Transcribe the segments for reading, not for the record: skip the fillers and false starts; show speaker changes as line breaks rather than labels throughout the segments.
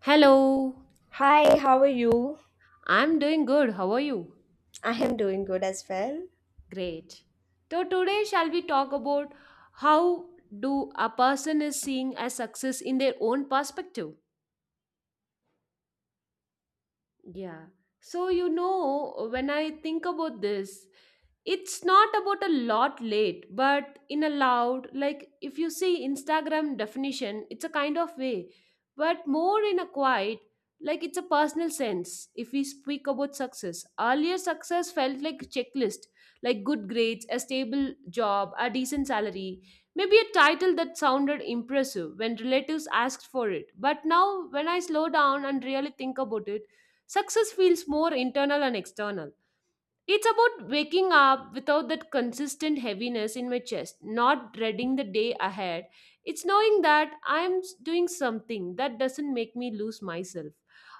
Hello,
Hi, how are you?
I'm doing good. How are you?
I am doing good as well.
Great. So today shall we talk about how do a person is seeing as success in their own perspective? Yeah. So you know, when I think about this, it's not about a lot late but in a loud like if you see instagram definition it's a kind of way but more in a quiet like it's a personal sense. If we speak about success, earlier success felt like a checklist, like good grades, a stable job, a decent salary, maybe a title that sounded impressive when relatives asked for it. But now when I slow down and really think about it, success feels more internal and external. It's about waking up without that consistent heaviness in my chest, not dreading the day ahead. It's knowing that doing something that doesn't make me lose myself.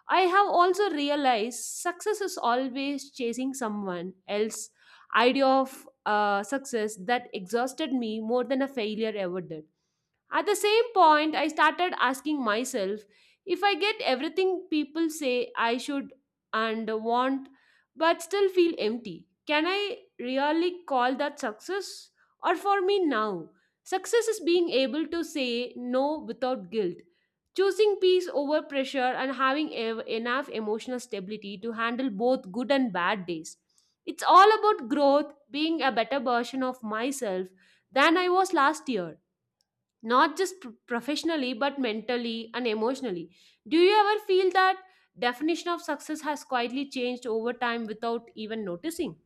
I have also realized success is always chasing someone else idea of success that exhausted me more than a failure ever did. At the same point, I started asking myself, if I get everything people say I should and want but still feel empty, can I really call that success? Or for me now, success is being able to say no without guilt, choosing peace over pressure, and having enough emotional stability to handle both good and bad days. It's all about growth, being a better version of myself than I was last year, not just professionally but mentally and emotionally. Do you ever feel that definition of success has quietly changed over time without even noticing?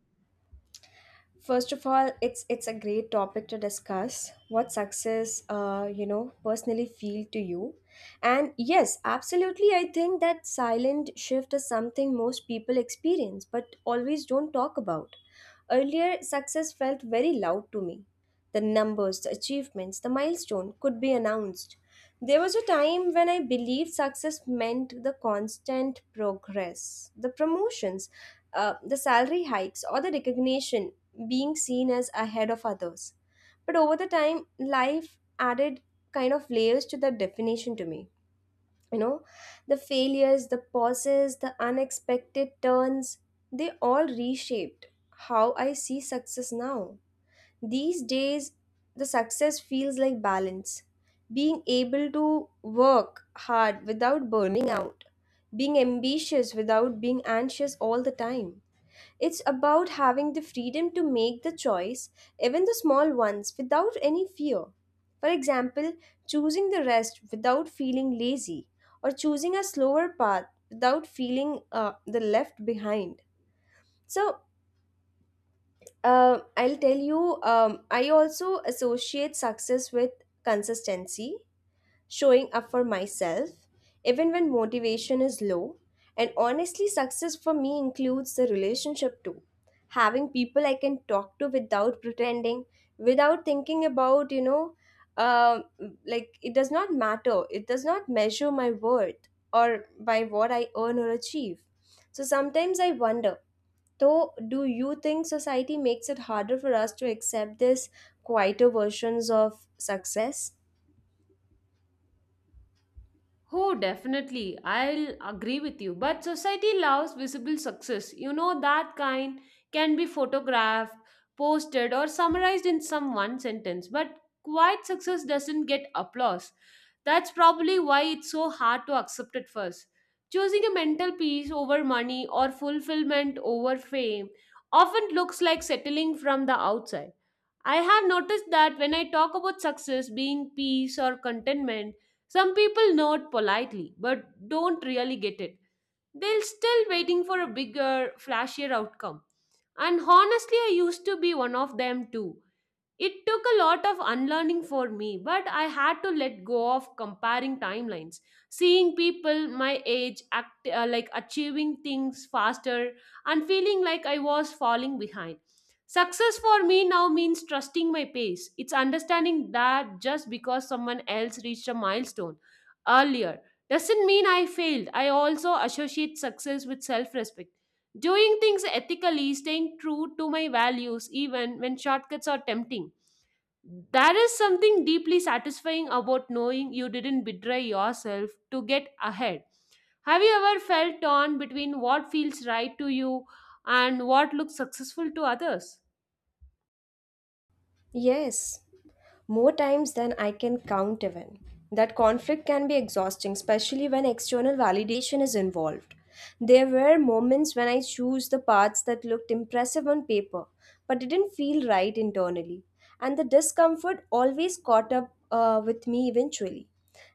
First of all, it's a great topic to discuss. What success, you know, personally feel to you, and yes, absolutely, I think that silent shift is something most people experience, but always don't talk about. Earlier, success felt very loud to me. The numbers, the achievements, the milestone could be announced. There was a time when I believed success meant the constant progress, the promotions, the salary hikes, or the recognition being seen as ahead of others. But over the time, life added kind of layers to that definition to me. You know, the failures, the pauses, the unexpected turns, they all reshaped how I see success now. These days, the success feels like balance. Being able to work hard without burning out, being ambitious without being anxious all the time. It's about having the freedom to make the choice, even the small ones, without any fear. For example, choosing the rest without feeling lazy, or choosing a slower path without feeling the left behind. So I'll tell you, I also associate success with consistency, showing up for myself, even when motivation is low. And honestly, success for me includes the relationship too. Having people I can talk to without pretending, without thinking about, you know, um like it does not matter. It does not measure my worth or by what I earn or achieve. So sometimes I wonder so, do you think society makes it harder for us to accept this quieter versions of success?
Oh, definitely. I'll agree with you. But society loves visible success. You know, that kind can be photographed, posted, or summarized in some one sentence. But quiet success doesn't get applause. That's probably why it's so hard to accept at first. Choosing a mental peace over money or fulfillment over fame often looks like settling from the outside. I have noticed that when I talk about success being peace or contentment, some people nod politely but don't really get it. They're still waiting for a bigger, flashier outcome. And honestly, I used to be one of them too. It took a lot of unlearning for me, but I had to let go of comparing timelines. Seeing people my age act, like achieving things faster and feeling like I was falling behind. Success for me now means trusting my pace. It's understanding that just because someone else reached a milestone earlier doesn't mean I failed. I also associate success with self respect. Doing things ethically, staying true to my values, even when shortcuts are tempting. There is something deeply satisfying about knowing you didn't betray yourself to get ahead. Have you ever felt torn between what feels right to you and what looks successful to others?
Yes, more times than I can count even. That conflict can be exhausting, especially when external validation is involved. There were moments when I chose the paths that looked impressive on paper, but didn't feel right internally. And the discomfort always caught up with me eventually.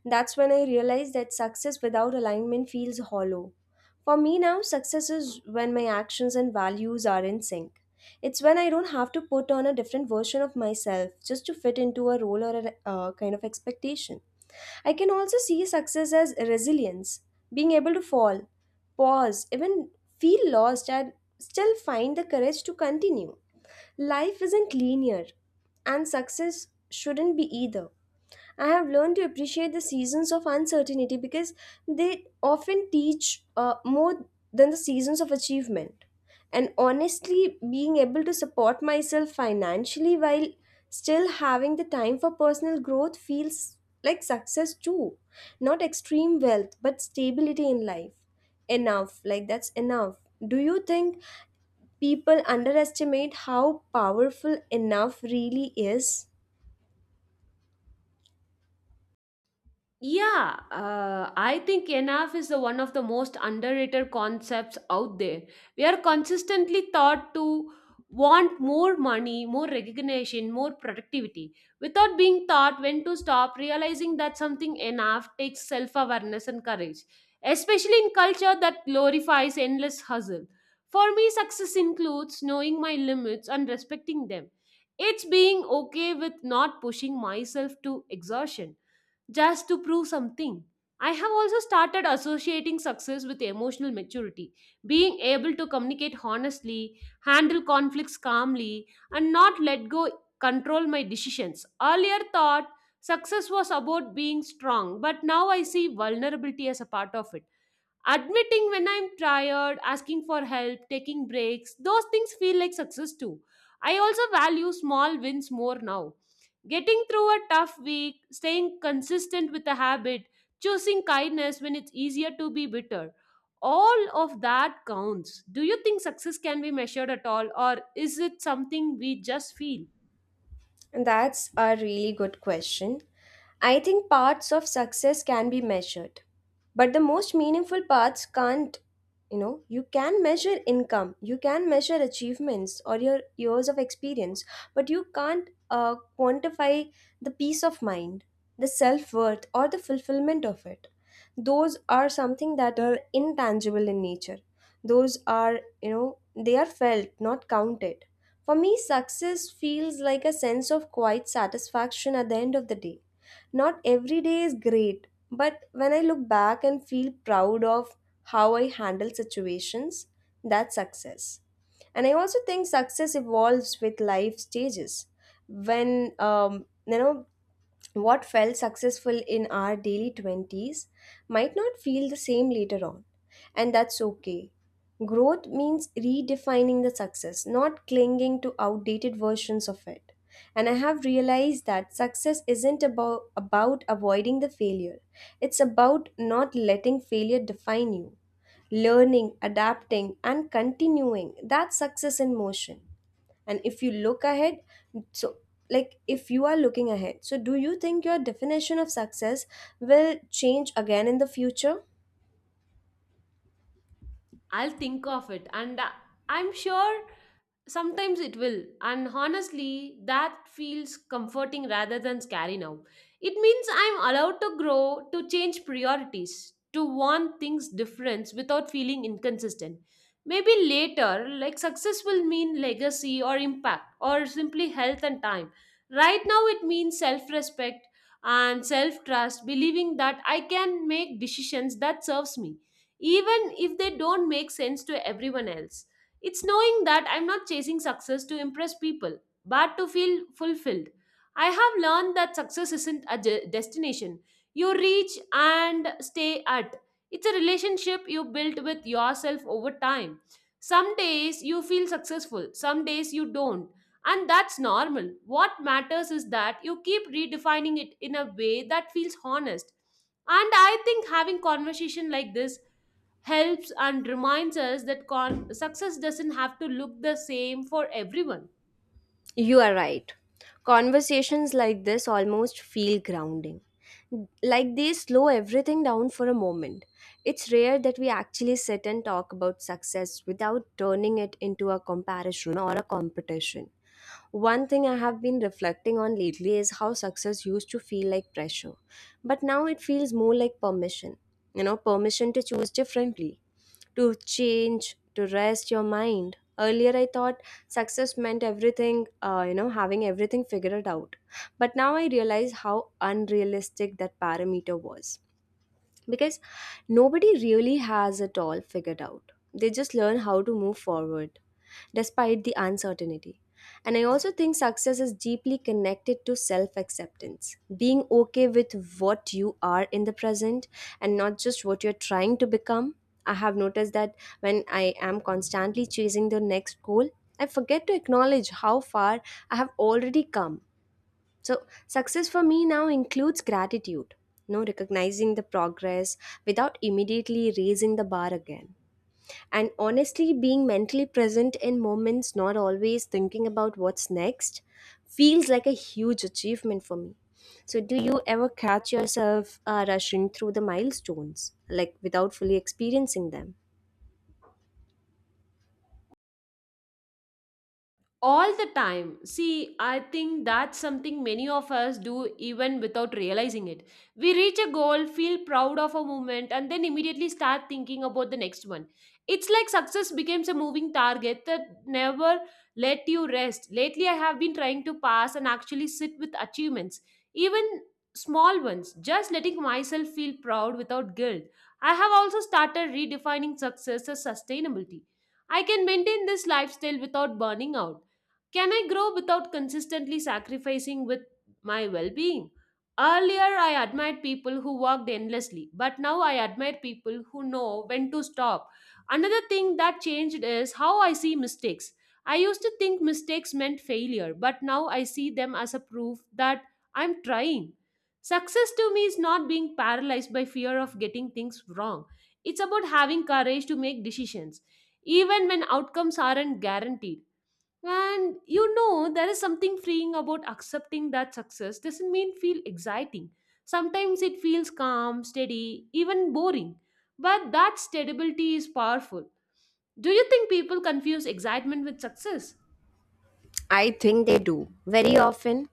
That's when I realized that success without alignment feels hollow. For me now, success is when my actions and values are in sync. It's when I don't have to put on a different version of myself just to fit into a role or a kind of expectation. I can also see success as resilience, being able to fall, pause, even feel lost, and still find the courage to continue. Life isn't linear, and success shouldn't be either. I have learned to appreciate the seasons of uncertainty because they often teach more than the seasons of achievement. And honestly, being able to support myself financially while still having the time for personal growth feels like success too. Not extreme wealth, but stability in life. Enough, like that's enough. Do you think people underestimate how powerful enough really is?
Yeah, I think enough is the one of the most underrated concepts out there. We are consistently taught to want more money, more recognition, more productivity, without being taught when to stop, realizing that something enough takes self awareness and courage, especially in culture that glorifies endless hustle. For me, success includes knowing my limits and respecting them. It's being okay with not pushing myself to exhaustion just to prove something. I have also started associating success with emotional maturity, being able to communicate honestly, handle conflicts calmly, and not let go control my decisions. Earlier thought success was about being strong, but now I see vulnerability as a part of it. Admitting when I'm tired, asking for help, taking breaks, those things feel like success too. I also value small wins more now. Getting through a tough week, staying consistent with a habit, choosing kindness when it's easier to be bitter. All of that counts. Do you think success can be measured at all, or is it something we just feel?
And That's a really good question. I think parts of success can be measured, but the most meaningful parts can't. You know, you can measure income, you can measure achievements or your years of experience, but you can't quantify the peace of mind, the self worth, or the fulfillment of it. Those are something that are intangible in nature. Those are, you know, they are felt, not counted. For me, success feels like a sense of quiet satisfaction at the end of the day. Not every day is great, but when I look back and feel proud of how I handle situations, that's success. And I also think success evolves with life stages. When you know what felt successful in our daily 20s might not feel the same later on, and that's okay. Growth means redefining the success, not clinging to outdated versions of it. And I have realized that success isn't about avoiding the failure, it's about not letting failure define you. Learning, adapting, and continuing that's success in motion, and if you look ahead, so like if you are looking ahead, so do you think your definition of success will change again in the future?
I'll think of it, and I'm sure sometimes it will. And honestly, that feels comforting rather than scary now. It means I'm allowed to grow, to change priorities, to want things different without feeling inconsistent. Maybe later, like success will mean legacy or impact or simply health and time. Right now, it means self respect and self trust, believing that I can make decisions that serves me even if they don't make sense to everyone else. It's knowing that I'm not chasing success to impress people, but to feel fulfilled. I have learned that success isn't a destination you reach and stay at. It's a relationship you build with yourself over time. Some days you feel successful, some days you don't. And that's normal. What matters is that you keep redefining it in a way that feels honest. And I think having conversation like this helps and reminds us that success doesn't have to look the same for everyone.
You are right. Conversations like this almost feel grounding. Like they slow everything down for a moment. It's rare that we actually sit and talk about success without turning it into a comparison or a competition. One thing I have been reflecting on lately is how success used to feel like pressure, but now it feels more like permission. You know, permission to choose differently, to change, to rest your mind. Earlier, I thought success meant everything, you know, having everything figured out. But now I realize how unrealistic that parameter was because nobody really has it all figured out. They just learn how to move forward despite the uncertainty. And I also think success is deeply connected to self acceptance, being okay with what you are in the present and not just what you're trying to become. I have noticed that when I am constantly chasing the next goal, I forget to acknowledge how far I have already come. So, success for me now includes gratitude, you know, recognizing the progress without immediately raising the bar again. And honestly, being mentally present in moments, not always thinking about what's next, feels like a huge achievement for me. So, do you ever catch yourself rushing through the milestones, like without fully experiencing them?
All the time. See, I think that's something many of us do even without realizing it. We reach a goal, feel proud of a moment, and then immediately start thinking about the next one. It's like success becomes a moving target that never let you rest. Lately I have been trying to pass and actually sit with achievements, even small ones, just letting myself feel proud without guilt. I have also started redefining success as sustainability. I can maintain this lifestyle without burning out. Can I grow without consistently sacrificing with my well being? Earlier, I admired people who worked endlessly, but now I admire people who know when to stop. Another thing that changed is how I see mistakes. I used to think mistakes meant failure, but now I see them as a proof that I'm trying. Success to me is not being paralyzed by fear of getting things wrong, it's about having courage to make decisions, even when outcomes aren't guaranteed. And you know, there is something freeing about accepting that success doesn't mean feel exciting. Sometimes it feels calm, steady, even boring. But that stability is powerful. Do you think people confuse excitement with success?
I think they do, very often.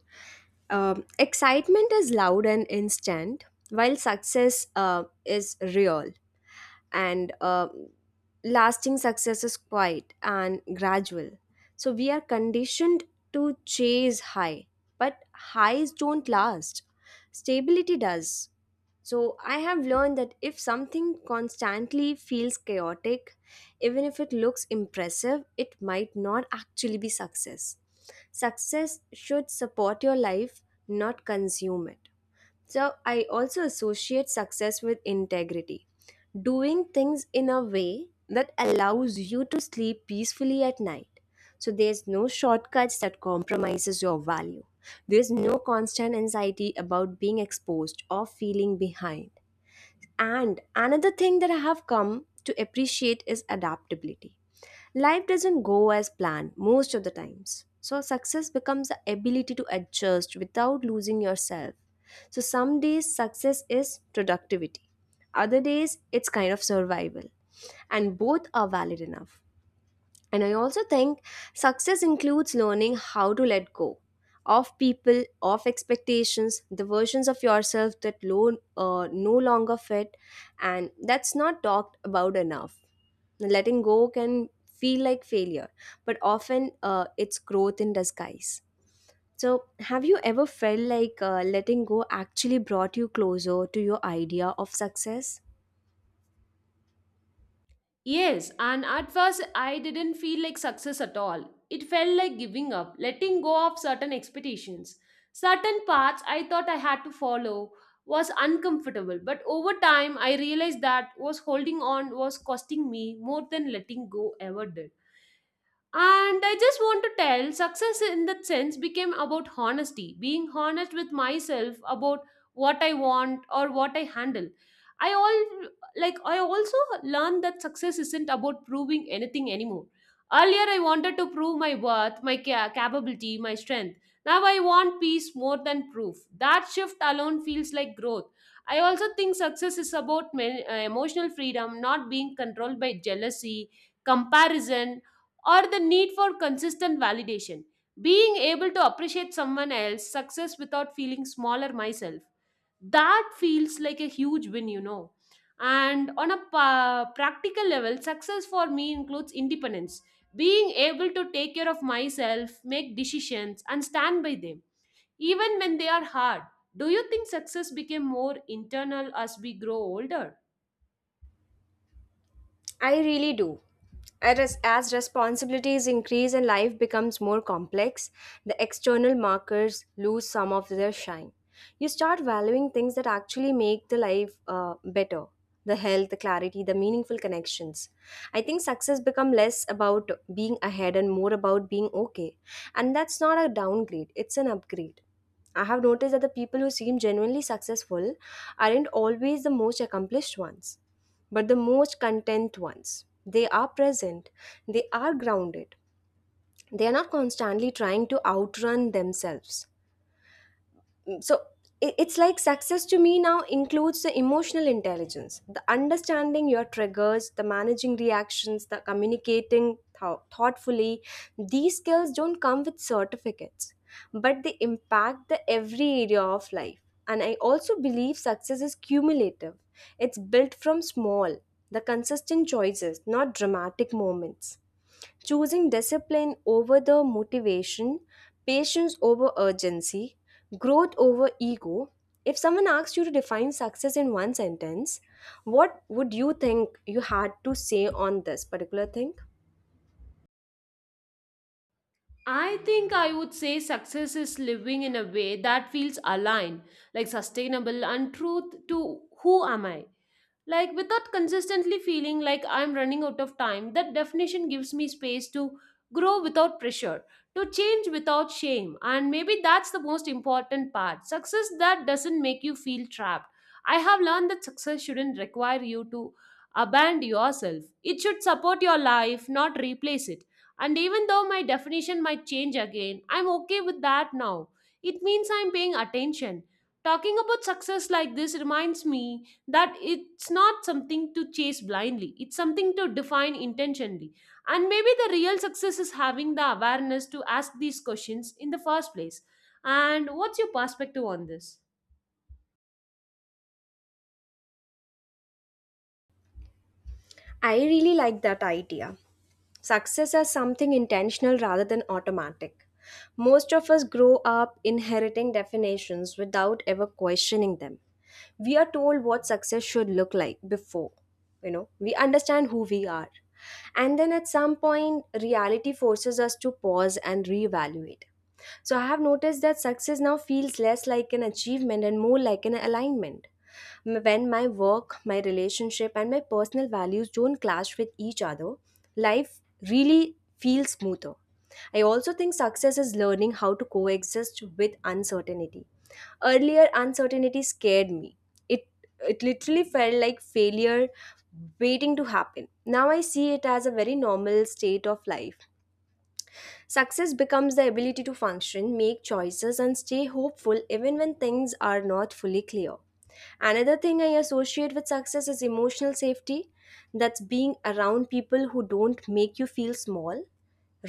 Excitement is loud and instant, while success is real and lasting success is quiet and gradual. So we are conditioned to chase high, but highs don't last. Stability does. So I have learned that if something constantly feels chaotic, even if it looks impressive, it might not actually be success. Success should support your life, not consume it. So I also associate success with integrity, doing things in a way that allows you to sleep peacefully at night. So there's no shortcuts that compromises your value. There's no constant anxiety about being exposed or feeling behind. And another thing that I have come to appreciate is adaptability. Life doesn't go as planned most of the times. So success becomes the ability to adjust without losing yourself. So some days success is productivity. Other days it's kind of survival. And both are valid enough. And I also think success includes learning how to let go of people, of expectations, the versions of yourself that no longer fit. And that's not talked about enough. Letting go can feel like failure, but often it's growth in disguise. So, have you ever felt like letting go actually brought you closer to your idea of success?
Yes, and at first I didn't feel like success at all. It felt like giving up, letting go of certain expectations. Certain paths I thought I had to follow was uncomfortable, but over time I realized that was holding on was costing me more than letting go ever did. And I just want to tell success in that sense became about honesty, being honest with myself about what I want or what I handle. I all like I also learned that success isn't about proving anything anymore. Earlier I wanted to prove my worth, my capability, my strength. Now I want peace more than proof. That shift alone feels like growth. I also think success is about emotional freedom, not being controlled by jealousy, comparison or the need for consistent validation. Being able to appreciate someone else's success without feeling smaller myself. That feels like a huge win, you know. And on a practical level, success for me includes independence. Being able to take care of myself, make decisions, and stand by them, even when they are hard. Do you think success became more internal as we grow older?
I really do. As responsibilities increase and life becomes more complex, the external markers lose some of their shine. You start valuing things that actually make the life better, the health, the clarity, the meaningful connections. I think success become less about being ahead and more about being okay. And that's not a downgrade, it's an upgrade. I have noticed that the people who seem genuinely successful aren't always the most accomplished ones but the most content ones. They are present, they are grounded, they are not constantly trying to outrun themselves. So it's like success to me now includes the emotional intelligence, the understanding your triggers, the managing reactions, the communicating thoughtfully. These skills don't come with certificates, but they impact the every area of life. And I also believe success is cumulative. It's built from small, the consistent choices, not dramatic moments. Choosing discipline over the motivation, patience over urgency, growth over ego. If someone asks you to define success in one sentence, what would you think you had to say on this particular thing?
I think I would say success is living in a way that feels aligned, like sustainable and truth to who am I. Like, without consistently feeling like I'm running out of time, that definition gives me space to grow without pressure, to change without shame. And maybe that's the most important part success that doesn't make you feel trapped. I have learned that success shouldn't require you to abandon yourself, it should support your life, not replace it. And even though my definition might change again, I'm okay with that now. It means I'm paying attention. Talking about success like this reminds me that it's not something to chase blindly, it's something to define intentionally. And maybe the real success is having the awareness to ask these questions in the first place. And what's your perspective on this?
I really like that idea. Success as something intentional rather than automatic. Most of us grow up inheriting definitions without ever questioning them. We are told what success should look like before, you know, we understand who we are. And then at some point reality forces us to pause and reevaluate. So I have noticed that success now feels less like an achievement and more like an alignment. When my work, my relationship and my personal values don't clash with each other, life really feels smoother. I also think success is learning how to coexist with uncertainty. Earlier, uncertainty scared me. It it literally felt like failure waiting to happen. Now I see it as a very normal state of life. Success becomes the ability to function, make choices, and stay hopeful even when things are not fully clear. Another thing I associate with success is emotional safety. That's being around people who don't make you feel small,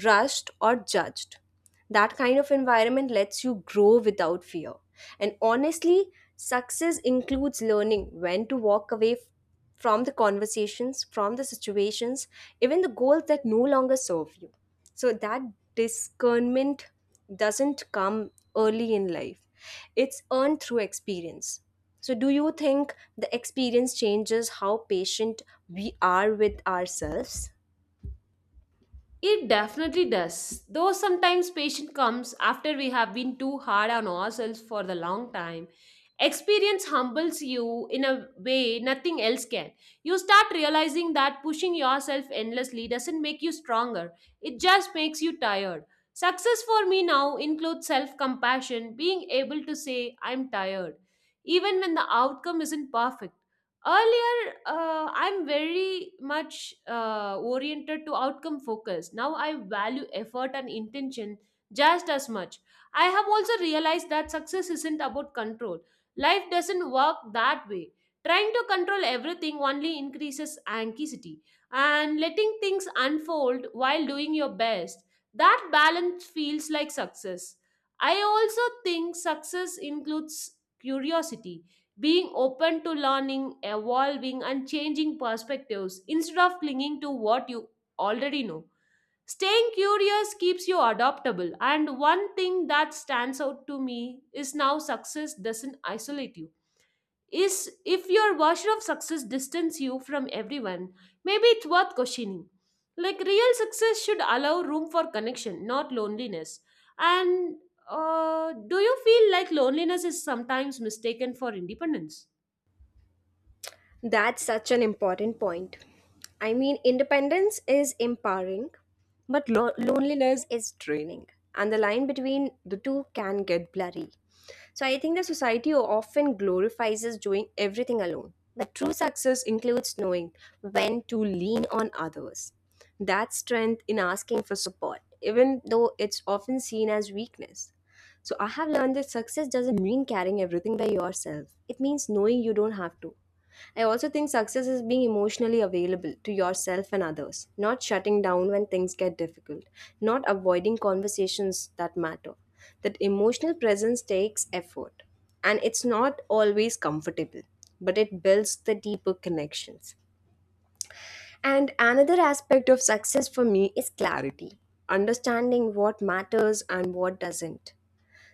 rushed, or judged. That kind of environment lets you grow without fear. And honestly, success includes learning when to walk away from the conversations, from the situations, even the goals that no longer serve you. So that discernment doesn't come early in life, it's earned through experience. So, do you think the experience changes how patient we are with ourselves?
It definitely does. Though sometimes patience comes after we have been too hard on ourselves for the long time. Experience humbles you in a way nothing else can. You start realizing that pushing yourself endlessly doesn't make you stronger, it just makes you tired. Success for me now includes self compassion, being able to say, I'm tired, even when the outcome isn't perfect. Earlier I'm very much oriented to outcome focus. Now I value effort and intention just as much. I have also realized that success isn't about control. Life doesn't work that way. Trying to control everything only increases anxiety, and letting things unfold while doing your best, that balance feels like success. I also think success includes curiosity, being open to learning, evolving, and changing perspectives instead of clinging to what you already know. Staying curious keeps you adaptable, and one thing that stands out to me is now success doesn't isolate you. Is if your version of success distance you from everyone, maybe it's worth questioning. Like real success should allow room for connection, not loneliness. And Do you feel like loneliness is sometimes mistaken for independence?
That's such an important point. I mean, independence is empowering, but loneliness is draining, and the line between the two can get blurry. So I think the society often glorifies us doing everything alone. But true success includes knowing when to lean on others. That strength in asking for support, even though it's often seen as weakness. So I have learned that success doesn't mean carrying everything by yourself. It means knowing you don't have to. I also think success is being emotionally available to yourself and others, not shutting down when things get difficult, not avoiding conversations that matter. That emotional presence takes effort and it's not always comfortable, but it builds the deeper connections. And another aspect of success for me is clarity, understanding what matters and what doesn't.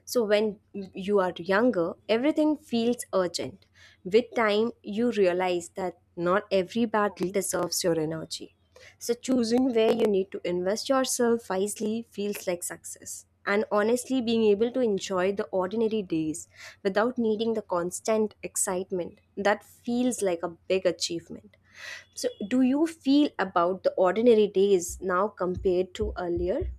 So when you are younger, everything feels urgent. With time, you realize that not every battle deserves your energy. So choosing where you need to invest yourself wisely feels like success. And honestly, being able to enjoy the ordinary days without needing the constant excitement, that feels like a big achievement. So, do you feel about the ordinary days now compared to earlier?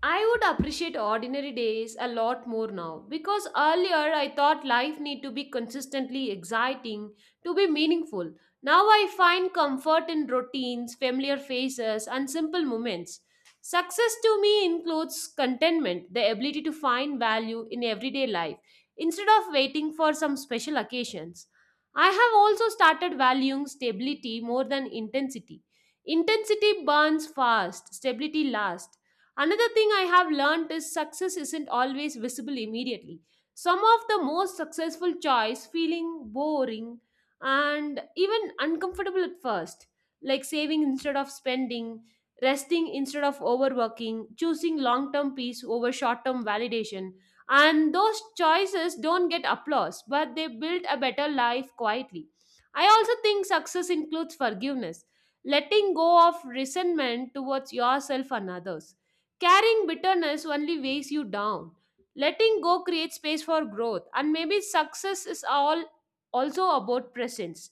I would appreciate ordinary days a lot more now because earlier I thought life need to be consistently exciting to be meaningful. Now I find comfort in routines, familiar faces and simple moments. Success to me includes contentment, the ability to find value in everyday life instead of waiting for some special occasions. I have also started valuing stability more than intensity. Intensity burns fast, stability lasts. Another thing I have learned is success isn't always visible immediately. Some of the most successful choice feeling boring and even uncomfortable at first, like saving instead of spending, resting instead of overworking, choosing long-term peace over short-term validation. And those choices don't get applause, but they build a better life quietly. I also think success includes forgiveness, letting go of resentment towards yourself and others. Carrying bitterness only weighs you down. Letting go creates space for growth, and maybe success is all also about presence.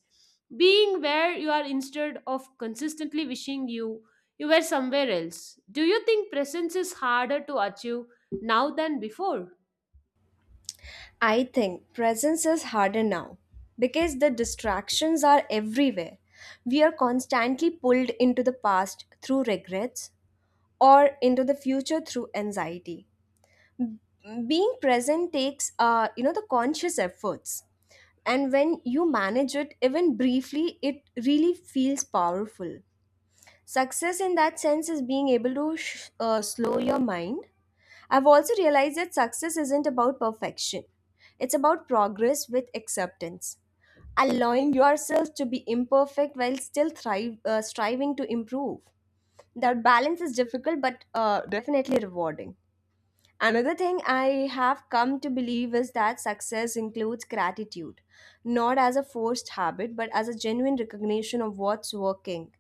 Being where you are instead of consistently wishing you were somewhere else. Do you think presence is harder to achieve now than before?
I think presence is harder now because the distractions are everywhere. We are constantly pulled into the past through regrets or into the future through anxiety. Being present takes you know the conscious efforts and when you manage it even briefly it really feels powerful. Success in that sense is being able to slow your mind. I've also realized that success isn't about perfection, it's about progress with acceptance, allowing yourself to be imperfect while still striving to improve. That balance is difficult but definitely rewarding. Another thing I have come to believe is that success includes gratitude, not as a forced habit, but as a genuine recognition of what's working.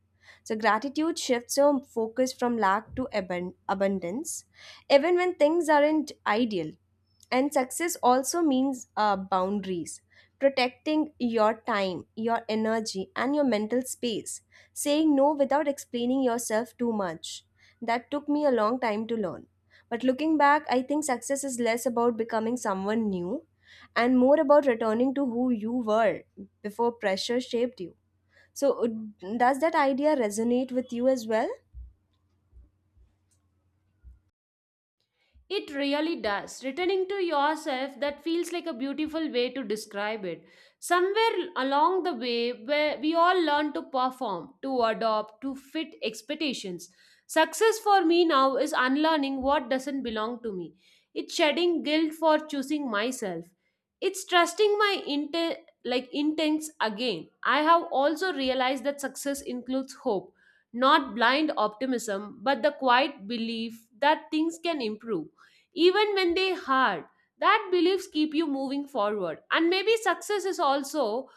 So, gratitude shifts your focus from lack to abundance, even when things aren't ideal. And success also means boundaries, protecting your time, your energy, and your mental space, saying no without explaining yourself too much. That took me a long time to learn. But looking back, I think success is less about becoming someone new and more about returning to who you were before pressure shaped you. So, does that idea resonate with you as well?
It really does. Returning to yourself, that feels like a beautiful way to describe it. Somewhere along the way, where we all learn to perform, to adopt, to fit expectations. Success for me now is unlearning what doesn't belong to me. It's shedding guilt for choosing myself. It's trusting my inte- like intents again. I have also realized that success includes hope, not blind optimism, but the quiet belief that things can improve even when they hard. That beliefs keep you moving forward, and maybe success is also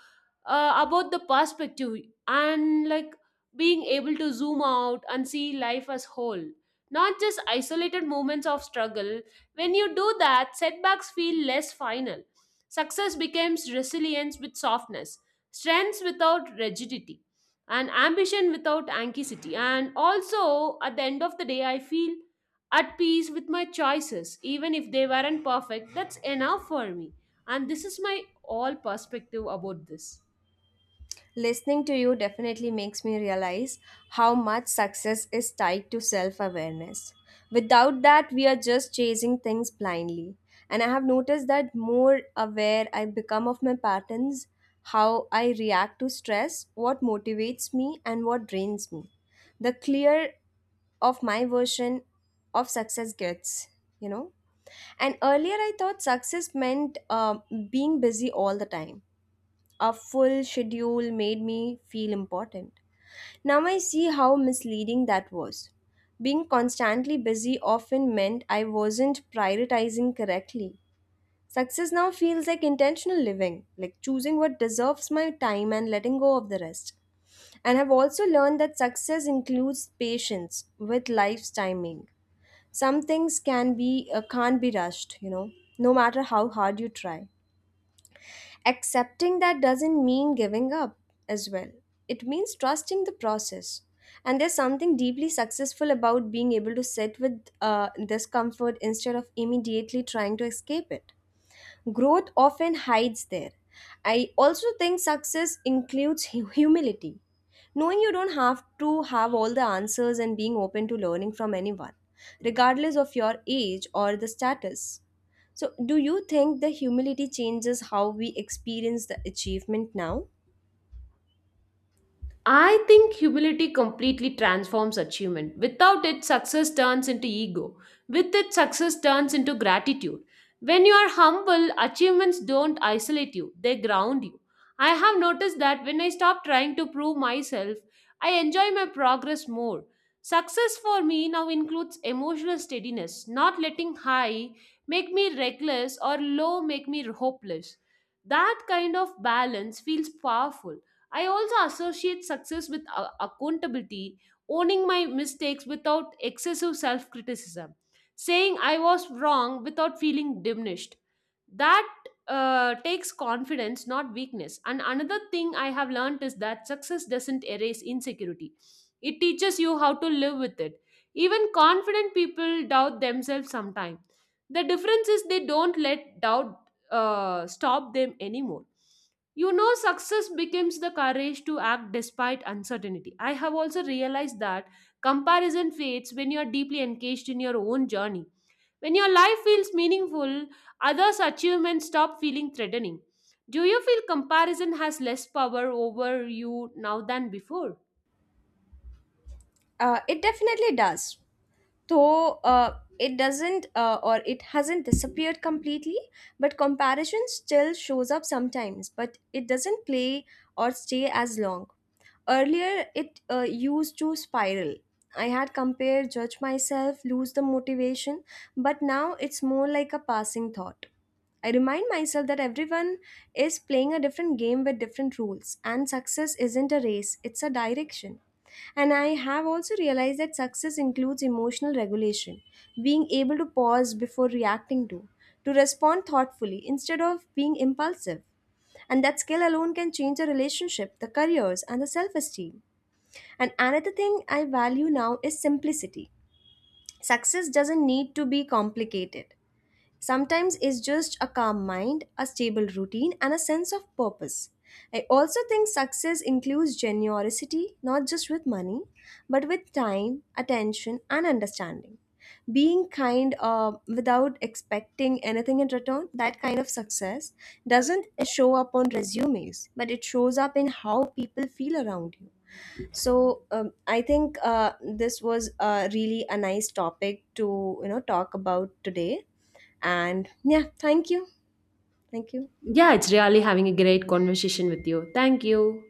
about the perspective, and like being able to zoom out and see life as whole, not just isolated moments of struggle. When you do that, setbacks feel less final. Success becomes resilience with softness, strength without rigidity, and ambition without anxiety. And also, at the end of the day, I feel at peace with my choices, even if they weren't perfect. That's enough for me. And this is my all perspective about this.
Listening to you definitely makes me realize how much success is tied to self awareness. Without that, we are just chasing things blindly. And I have noticed that more aware I become of my patterns, how I react to stress, what motivates me, and what drains me, the clear of my version of success gets, you know. And earlier, I thought success meant being busy all the time, a full schedule made me feel important. Now I see how misleading that was. Being constantly busy often meant I wasn't prioritizing correctly. Success now feels like intentional living, like choosing what deserves my time and letting go of the rest. And I've also learned that success includes patience with life's timing. Some things can be can't be rushed, you know, no matter how hard you try, accepting that doesn't mean giving up as well. It means trusting the process. And there's something deeply successful about being able to sit with discomfort instead of immediately trying to escape it. Growth often hides there. I also think success includes humility. Knowing you don't have to have all the answers and being open to learning from anyone, regardless of your age or the status. So, do you think the humility changes how we experience the achievement now?
I think humility completely transforms achievement. Without it, success turns into ego. With it, success turns into gratitude. When you are humble, achievements don't isolate you, they ground you. I have noticed that when I stop trying to prove myself, I enjoy my progress more. Success for me now includes emotional steadiness, not letting high make me reckless or low make me hopeless. That kind of balance feels powerful. I also associate success with accountability, owning my mistakes without excessive self criticism, saying I was wrong without feeling diminished. That takes confidence, not weakness. And another thing I have learned is that success doesn't erase insecurity, it teaches you how to live with it. Even confident people doubt themselves sometimes. The difference is they don't let doubt, stop them anymore. You know, success becomes the courage to act despite uncertainty. I have also realized that comparison fades when you are deeply engaged in your own journey. When your life feels meaningful, others' achievements stop feeling threatening. Do you feel comparison has less power over you now than before?
It definitely does. Though it doesn't, or it hasn't disappeared completely, but comparison still shows up sometimes, but it doesn't play or stay as long. Earlier it used to spiral. I had compare, judge myself, lose the motivation, but now it's more like a passing thought. I remind myself that everyone is playing a different game with different rules, and success isn't a race, it's a direction. And I have also realized that success includes emotional regulation, being able to pause before reacting to respond thoughtfully instead of being impulsive. And that skill alone can change a relationship, the careers, and the self esteem. And another thing I value now is simplicity. Success doesn't need to be complicated. Sometimes it's just a calm mind, a stable routine, and a sense of purpose. I also think success includes generosity, not just with money, but with time, attention, and understanding. Being kind without expecting anything in return, that kind of success doesn't show up on resumes, but it shows up in how people feel around you. So I think this was really a nice topic to talk about today and yeah, thank you. Thank you.
Yeah, it's really having a great conversation with you. Thank you.